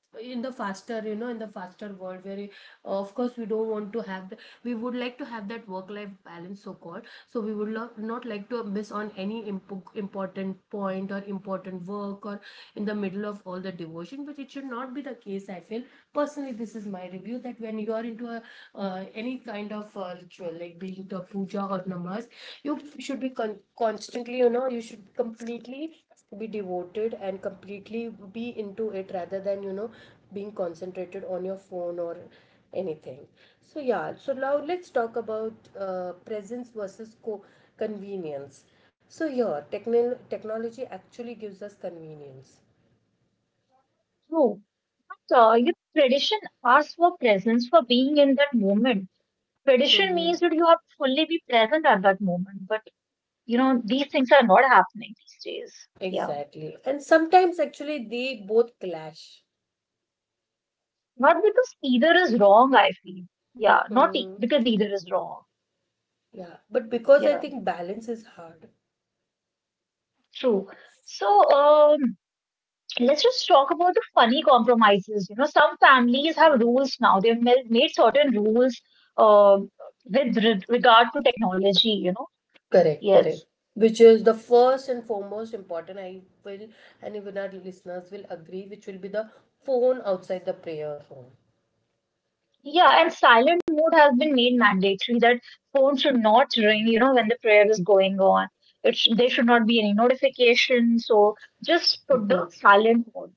Speaker 1: in the faster, you know, in the faster world where uh, of course we don't want to have the, we would like to have that work life balance, so called, so we would not, not like to miss on any imp- important point or important work or in the middle of all the devotion. But it should not be the case, I feel. Personally, this is my review that when you are into a uh, any kind of uh, ritual, like be it a puja or namaz, you should be con- constantly, you know, you should completely be devoted and completely be into it, rather than you know being concentrated on your phone or anything. So yeah, so now let's talk about uh, presence versus co- convenience. So here techno- technology actually gives us convenience.
Speaker 2: True. But uh, your tradition asks for presence, for being in that moment. Tradition
Speaker 1: Mm-hmm.
Speaker 2: means that you have to fully be present at that moment. But, you know, these things are not happening these days. Yeah.
Speaker 1: Exactly, and sometimes actually they both clash.
Speaker 2: Not because either is wrong, I feel. Yeah. Not e-
Speaker 1: Mm,
Speaker 2: because either is wrong.
Speaker 1: yeah, but because I
Speaker 2: Yeah.
Speaker 1: think balance is hard.
Speaker 2: True. So, um, let's just talk about the funny compromises. You know, some families have
Speaker 1: Mm-hmm.
Speaker 2: rules now. They've ma- made certain rules uh, with re- regard to technology, you know.
Speaker 1: Correct,
Speaker 2: Yes.
Speaker 1: correct. Which is the first and foremost important, I will, and even our listeners will agree, which will be the phone outside the prayer room.
Speaker 2: Yeah, and silent mode has been made mandatory that phone should not ring, you know, when the prayer is going on. It sh- there should not be any notification. So just put the
Speaker 1: Mhm.
Speaker 2: silent mode.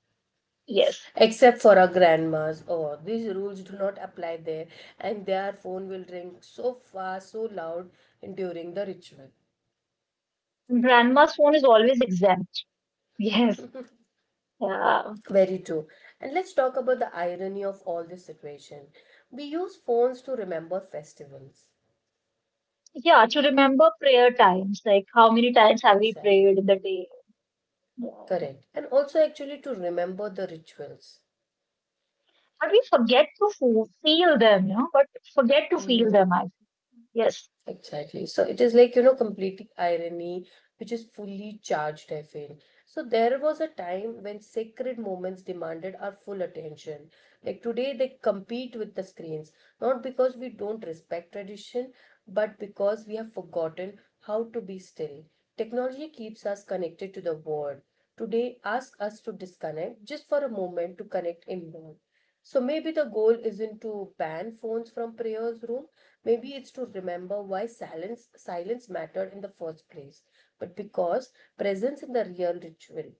Speaker 2: Yes.
Speaker 1: Except for our grandmas, oh, these rules do not apply there, and their phone will ring so fast, so loud during the ritual.
Speaker 2: Grandma's phone is always exempt. Yes. Yeah.
Speaker 1: Very true. And let's talk about the irony of all this situation. We use phones to remember festivals.
Speaker 2: Yeah, to remember prayer times, like how many times have we
Speaker 1: Exactly.
Speaker 2: prayed in the day? Yeah.
Speaker 1: Correct. And also, actually, to remember the rituals.
Speaker 2: But we forget to fo- feel them, you know, but forget to feel them, I think. Yes,
Speaker 1: Exactly. So it is like, you know, complete irony, which is fully charged, I feel. So there was a time when sacred moments demanded our full attention. Like today, they compete with the screens, not because we don't respect tradition, but because we have forgotten how to be still. Technology keeps us connected to the world. Today, ask us to disconnect just for a moment to connect inward. So maybe the goal isn't to ban phones from prayers room. Maybe it's to remember why silence silence mattered in the first place. But because presence is the real ritual.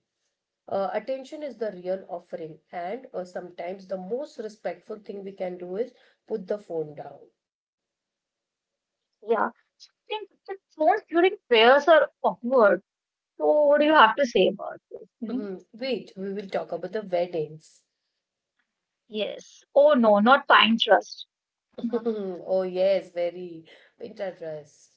Speaker 1: Uh, attention is the real offering, and uh, sometimes the most respectful thing we can do is put the phone down.
Speaker 2: yeah. So I think the tones during prayers are awkward. So what do you have to say about this? You know?
Speaker 1: Mhm. Wait, we will talk about the weddings.
Speaker 2: Yes. Oh no, not pine trust. No.
Speaker 1: Oh yes, very Pinterest.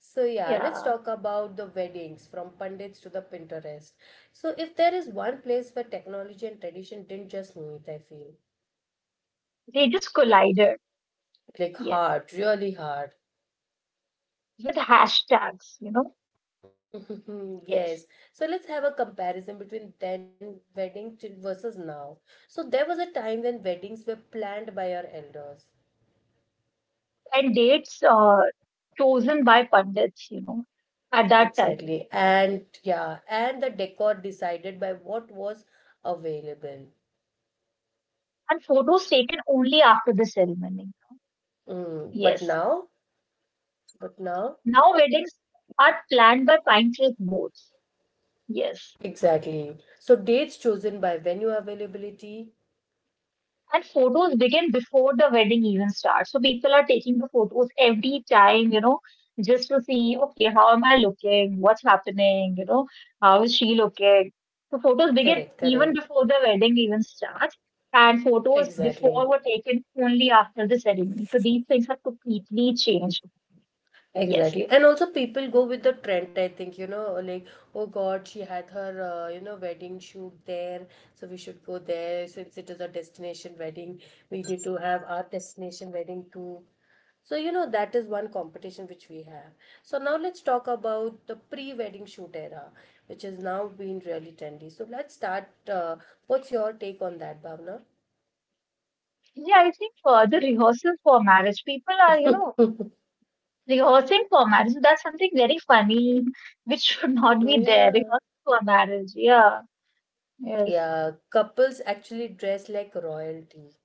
Speaker 1: So yeah, let's
Speaker 2: Yeah.
Speaker 1: talk about the weddings from Pandits to the Pinterest. So if there is one place where technology and tradition didn't just meet, I feel,
Speaker 2: They just collided.
Speaker 1: like
Speaker 2: Yes.
Speaker 1: hard, really hard.
Speaker 2: With hashtags, you know.
Speaker 1: Yes.
Speaker 2: Yes.
Speaker 1: So let's have a comparison between then wedding till- versus now. So there was a time when weddings were planned by our elders.
Speaker 2: And dates uh, chosen by pundits, you know, at that time.
Speaker 1: Exactly. And yeah, and the decor decided by what was available.
Speaker 2: And photos taken only after the ceremony.
Speaker 1: Mm, but
Speaker 2: Yes.
Speaker 1: now, but now.
Speaker 2: Now weddings are planned by pine tree boards. Yes.
Speaker 1: Exactly. So dates chosen by venue availability.
Speaker 2: And photos begin before the wedding even starts. So people are taking the photos every time, you know, just to see, okay, how am I looking? What's happening? You know, how is she looking? So photos begin
Speaker 1: Correct,
Speaker 2: even
Speaker 1: correct.
Speaker 2: before the wedding even starts. And photos
Speaker 1: Exactly.
Speaker 2: before were taken only after the ceremony. So these things have completely changed. Yes.
Speaker 1: Exactly. And also people go with the trend, I think, you know, like, oh God, she had her, uh, you know, wedding shoot there, so we should go there since it is a destination wedding. We need to have our destination wedding too. So, you know, that is one competition which we have. So, now let's talk about the pre wedding shoot era, which has now been really trendy. So, let's start. Uh, what's your take on that, Bhavna?
Speaker 2: Yeah, I think uh, the rehearsal for marriage, people are, you know, rehearsing for marriage. So that's something very funny, which should not be there.
Speaker 1: Yeah.
Speaker 2: Rehearsal for marriage. Yeah, yes.
Speaker 1: Yeah. Couples actually dress like royalty.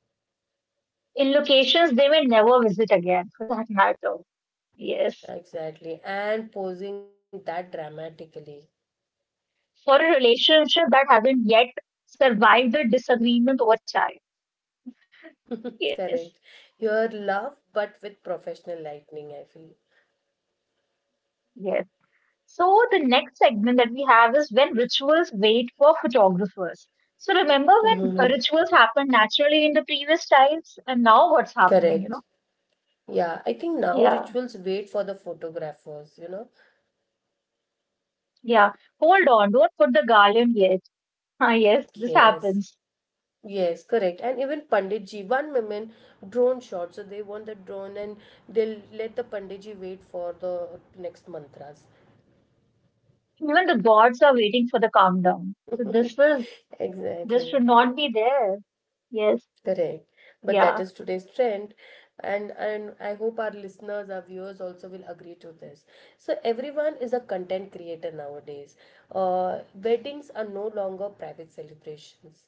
Speaker 2: In locations they may never visit again, for that matter. Yes.
Speaker 1: Exactly. And posing that dramatically.
Speaker 2: For a relationship that haven't yet survived the disagreement over child.
Speaker 1: Correct.
Speaker 2: Yes.
Speaker 1: Your love, but with professional lightning, I feel.
Speaker 2: Yes. So the next segment that we have is when rituals wait for photographers. So remember when uh,
Speaker 1: Mhm.
Speaker 2: rituals happened naturally in the previous times and now what's happening, you
Speaker 1: Correct.
Speaker 2: know?
Speaker 1: Yeah. I think now
Speaker 2: Yeah,
Speaker 1: rituals wait for the photographers, you know?
Speaker 2: yeah. Hold on, don't put the garland yet. Ah, yes, this
Speaker 1: Yes.
Speaker 2: happens.
Speaker 1: Yes, correct. And even Panditji, one woman drone shot. So they want the drone, and they'll let the Panditji wait for the next mantras.
Speaker 2: Even the gods are waiting for the countdown. So this will this
Speaker 1: Exactly.
Speaker 2: should not be there. Yes,
Speaker 1: Correct. But that
Speaker 2: yeah.
Speaker 1: is today's trend, and and I hope our listeners, our viewers also will agree to this. So everyone is a content creator nowadays. Uh, weddings are no longer private celebrations.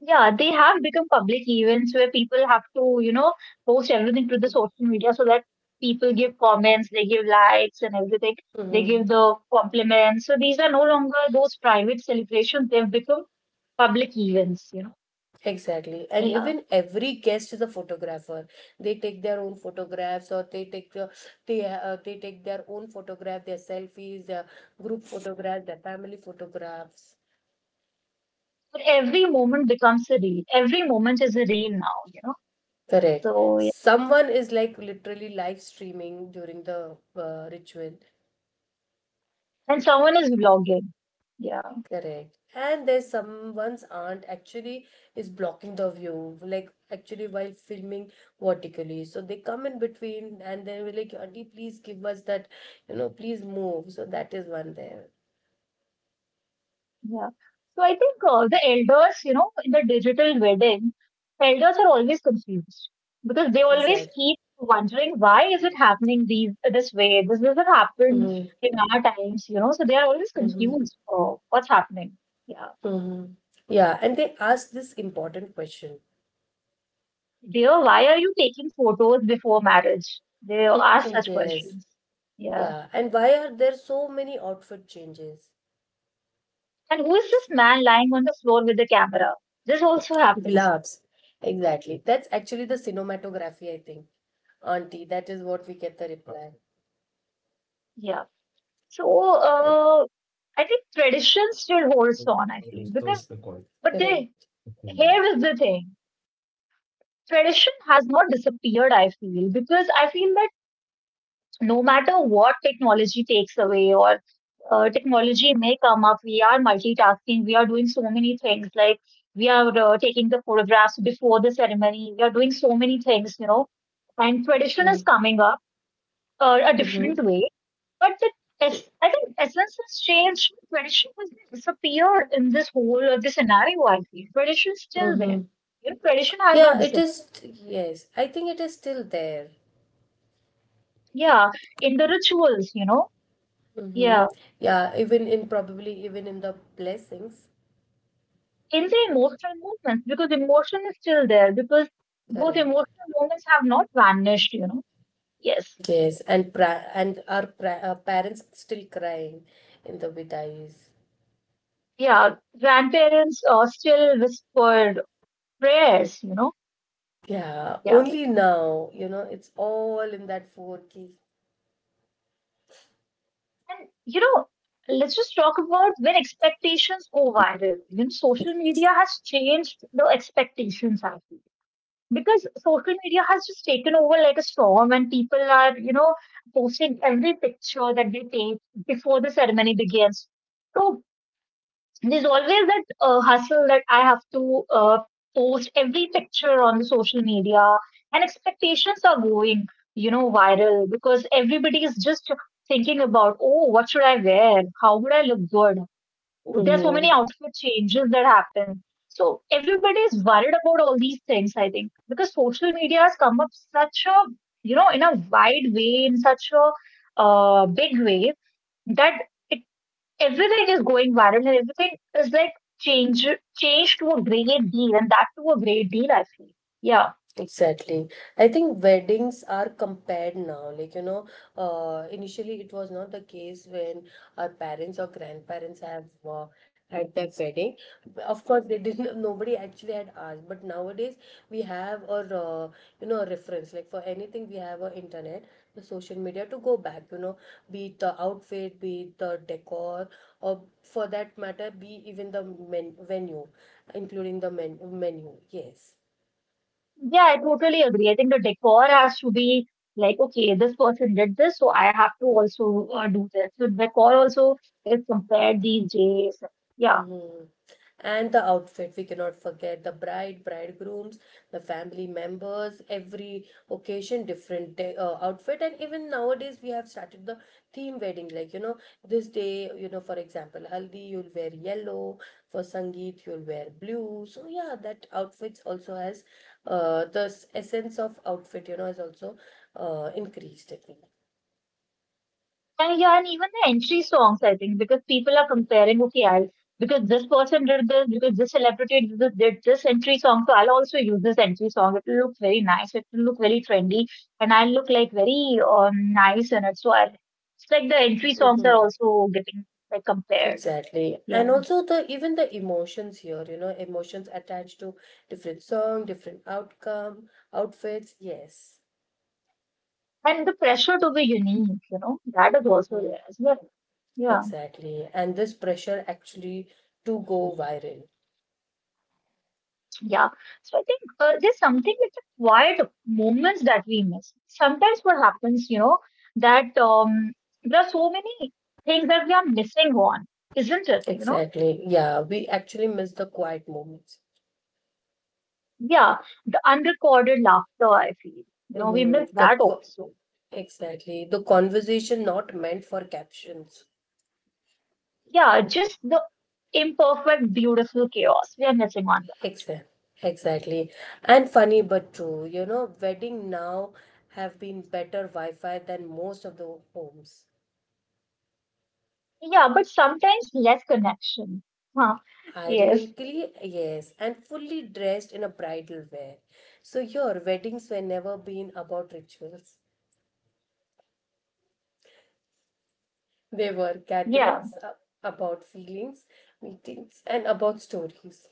Speaker 2: Yeah, they have become public events where people have to, you know, post everything to the social media so that people give comments, they give likes and everything, they
Speaker 1: Mm-hmm.
Speaker 2: give the compliments. So these are no longer those private celebrations, they've become public events, you know.
Speaker 1: Exactly. And
Speaker 2: Yeah.
Speaker 1: even every guest is a photographer. They take their own photographs, or they take the, they uh, they take their own photograph, their selfies, their group photographs, their family photographs.
Speaker 2: But every moment becomes a reel. Every moment is a reel now, you know.
Speaker 1: Correct.
Speaker 2: So yeah.
Speaker 1: Someone is like literally live streaming during the uh, ritual.
Speaker 2: And someone is vlogging. Yeah.
Speaker 1: Correct. And there's someone's aunt actually is blocking the view, like actually while filming vertically. So they come in between and they were like, Auntie, please give us that, you know, please move. So that is one there.
Speaker 2: Yeah. So I think uh, the elders, you know, in the digital wedding, elders are always confused because they always
Speaker 1: Exactly.
Speaker 2: keep wondering why is it happening these this way? This doesn't happen
Speaker 1: Mm-hmm.
Speaker 2: in our times, you know. So they are always
Speaker 1: Mm-hmm.
Speaker 2: confused. Oh, what's happening? Yeah.
Speaker 1: Mm-hmm. Yeah. And they ask this important question.
Speaker 2: Dear, why are you taking photos before marriage? They ask such
Speaker 1: Yes.
Speaker 2: questions. Yeah.
Speaker 1: Yeah. And why are there so many outfit changes?
Speaker 2: And who is this man lying on the floor with the camera? This also happens.
Speaker 1: Gloves. Exactly. That's actually the cinematography, I think. Auntie, that is what we get the reply.
Speaker 2: Yeah. So
Speaker 1: Eh.
Speaker 2: uh, I think tradition still holds on, I feel, because but they
Speaker 1: Correct.
Speaker 2: here is the thing. Tradition has not disappeared, I feel, because I feel that no matter what technology takes away or uh, technology may come up, we are multitasking, we are doing so many things, like we are uh, taking the photographs before the ceremony, we are doing so many things, you know, and tradition is coming up uh, a
Speaker 1: Mm-hmm.
Speaker 2: different way. But the es- I think essence has changed. Tradition has disappeared in this whole of the scenario. I feel tradition is still there.
Speaker 1: Mm-hmm.
Speaker 2: You know, tradition has not
Speaker 1: Yeah, it
Speaker 2: disappeared.
Speaker 1: is. Yes, I think it is still there.
Speaker 2: Yeah, in the rituals, you know,
Speaker 1: Mm-hmm.
Speaker 2: yeah,
Speaker 1: Yeah, even in probably even in the blessings.
Speaker 2: in the emotional moments because emotion is still there because those
Speaker 1: Correct.
Speaker 2: emotional moments have not vanished. You know, yes,
Speaker 1: Yes, and pra- and our pra- uh, parents still crying in the vidais.
Speaker 2: yeah, grandparents uh, still whispered prayers. You know,
Speaker 1: Yeah,
Speaker 2: yeah.
Speaker 1: only now, you know, it's all in that four K.
Speaker 2: And you know, let's just talk about when expectations go viral. You know, social media has changed the expectations actually. Because social media has just taken over like a storm, and people are, you know, posting every picture that they take before the ceremony begins. So there's always that uh, hustle that I have to uh, post every picture on the social media, and expectations are going, you know, viral because everybody is just thinking about, oh, what should I wear? How would I look good? There's so many outfit changes that happen. So everybody is worried about all these things, I think, because social media has come up such a, you know, in a wide way, in such a uh, big way that it everything is going viral and everything is like change changed to a great deal and that to a great deal I feel. Yeah.
Speaker 1: Exactly. I think weddings are compared now. Like, you know, uh, initially it was not the case when our parents or grandparents have uh, had their wedding. Of course, they didn't, nobody actually had asked. But nowadays, we have a, uh, you know, a reference. Like, for anything, we have a internet, the social media to go back, you know, be it the outfit, be it the decor, or for that matter, be even the men venue, including the men menu. Yes.
Speaker 2: Yeah, I totally agree. I think the decor has to be like, okay, this person did this, so I have to also uh, do this. So decor also is compared these days. Yeah.
Speaker 1: Mhm. And the outfit, we cannot forget the bride, bridegrooms, the family members, every occasion, different day, uh, outfit. And even nowadays, we have started the theme wedding. Like, you know, this day, you know, for example, Haldi, you'll wear yellow. For Sangeet, you'll wear blue. So, yeah, that outfits also has uh, the s- essence of outfit, you know, has also uh, increased, I think.
Speaker 2: And yeah, and even the entry songs, I think, because people are comparing, okay, I'll because this person did this, because this celebrity did this, did this entry song, so I'll also use this entry song. It will look very nice, it will look very trendy, and I'll look like very um, nice in it. So I, it's like the entry songs are
Speaker 1: Mm-hmm.
Speaker 2: also getting like compared.
Speaker 1: Exactly. And
Speaker 2: Yeah.
Speaker 1: also the even the emotions here, you know, emotions attached to different song, different outcome, outfits. Yes.
Speaker 2: And the pressure to be unique, you know, that is also
Speaker 1: Mm-hmm.
Speaker 2: there as well. Yeah.
Speaker 1: Exactly. And this pressure actually to go viral.
Speaker 2: Yeah. So I think uh, there's something with the quiet moments that we miss. Sometimes what happens, you know, that um, there are so many things that we are missing on, isn't it? You know,
Speaker 1: Exactly. Yeah, we actually miss the quiet moments.
Speaker 2: yeah, the unrecorded laughter, I feel, you know, we miss
Speaker 1: Mm-hmm. The
Speaker 2: that
Speaker 1: co-
Speaker 2: also.
Speaker 1: exactly. The conversation not meant for captions.
Speaker 2: Yeah, just the imperfect, beautiful chaos. We are missing on
Speaker 1: Exactly. Exactly. And funny but true, you know, wedding now have been better Wi-Fi than most of the homes.
Speaker 2: that. Yeah, but sometimes less connection. Huh. Yes.
Speaker 1: Ironically, yes, and fully dressed in a bridal wear. So your weddings were never been about rituals. They were
Speaker 2: Yeah.
Speaker 1: gatherings uh, about feelings, meetings, and about stories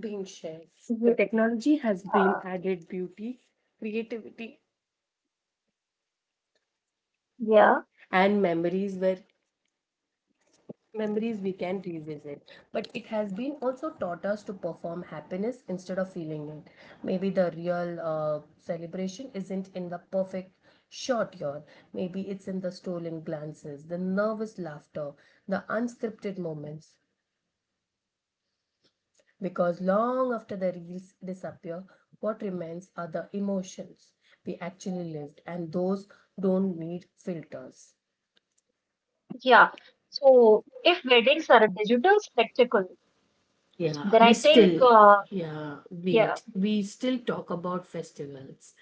Speaker 1: being shared. The
Speaker 2: Yeah.
Speaker 1: technology has been added beauty, creativity,
Speaker 2: Yeah.
Speaker 1: and memories were memories we can revisit, but it has been also taught us to perform happiness instead of feeling it. Maybe the real uh, celebration isn't in the perfect short yawn. Maybe it's in the stolen glances, the nervous laughter, the unscripted moments, because long after the reels disappear, what remains are the emotions we actually lived, and those don't need filters.
Speaker 2: Yeah. So if weddings are a digital spectacle,
Speaker 1: Yeah,
Speaker 2: then
Speaker 1: we
Speaker 2: I think,
Speaker 1: still,
Speaker 2: uh,
Speaker 1: yeah,
Speaker 2: yeah,
Speaker 1: wait, we still talk about festivals.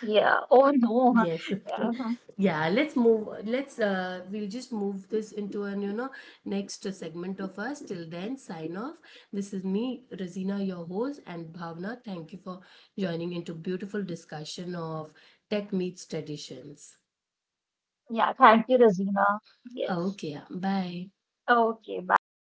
Speaker 2: yeah. Oh no.
Speaker 1: Yes. Yeah, let's move. Let's, uh, we'll just move this into an, you know, next segment of us. Till then, sign off. This is me, Razina, your host, and Bhavna. Thank you for joining into beautiful discussion of tech meets traditions.
Speaker 2: Yeah. Thank you, Razina. Yes.
Speaker 1: Okay, yeah, bye.
Speaker 2: Okay. Bye.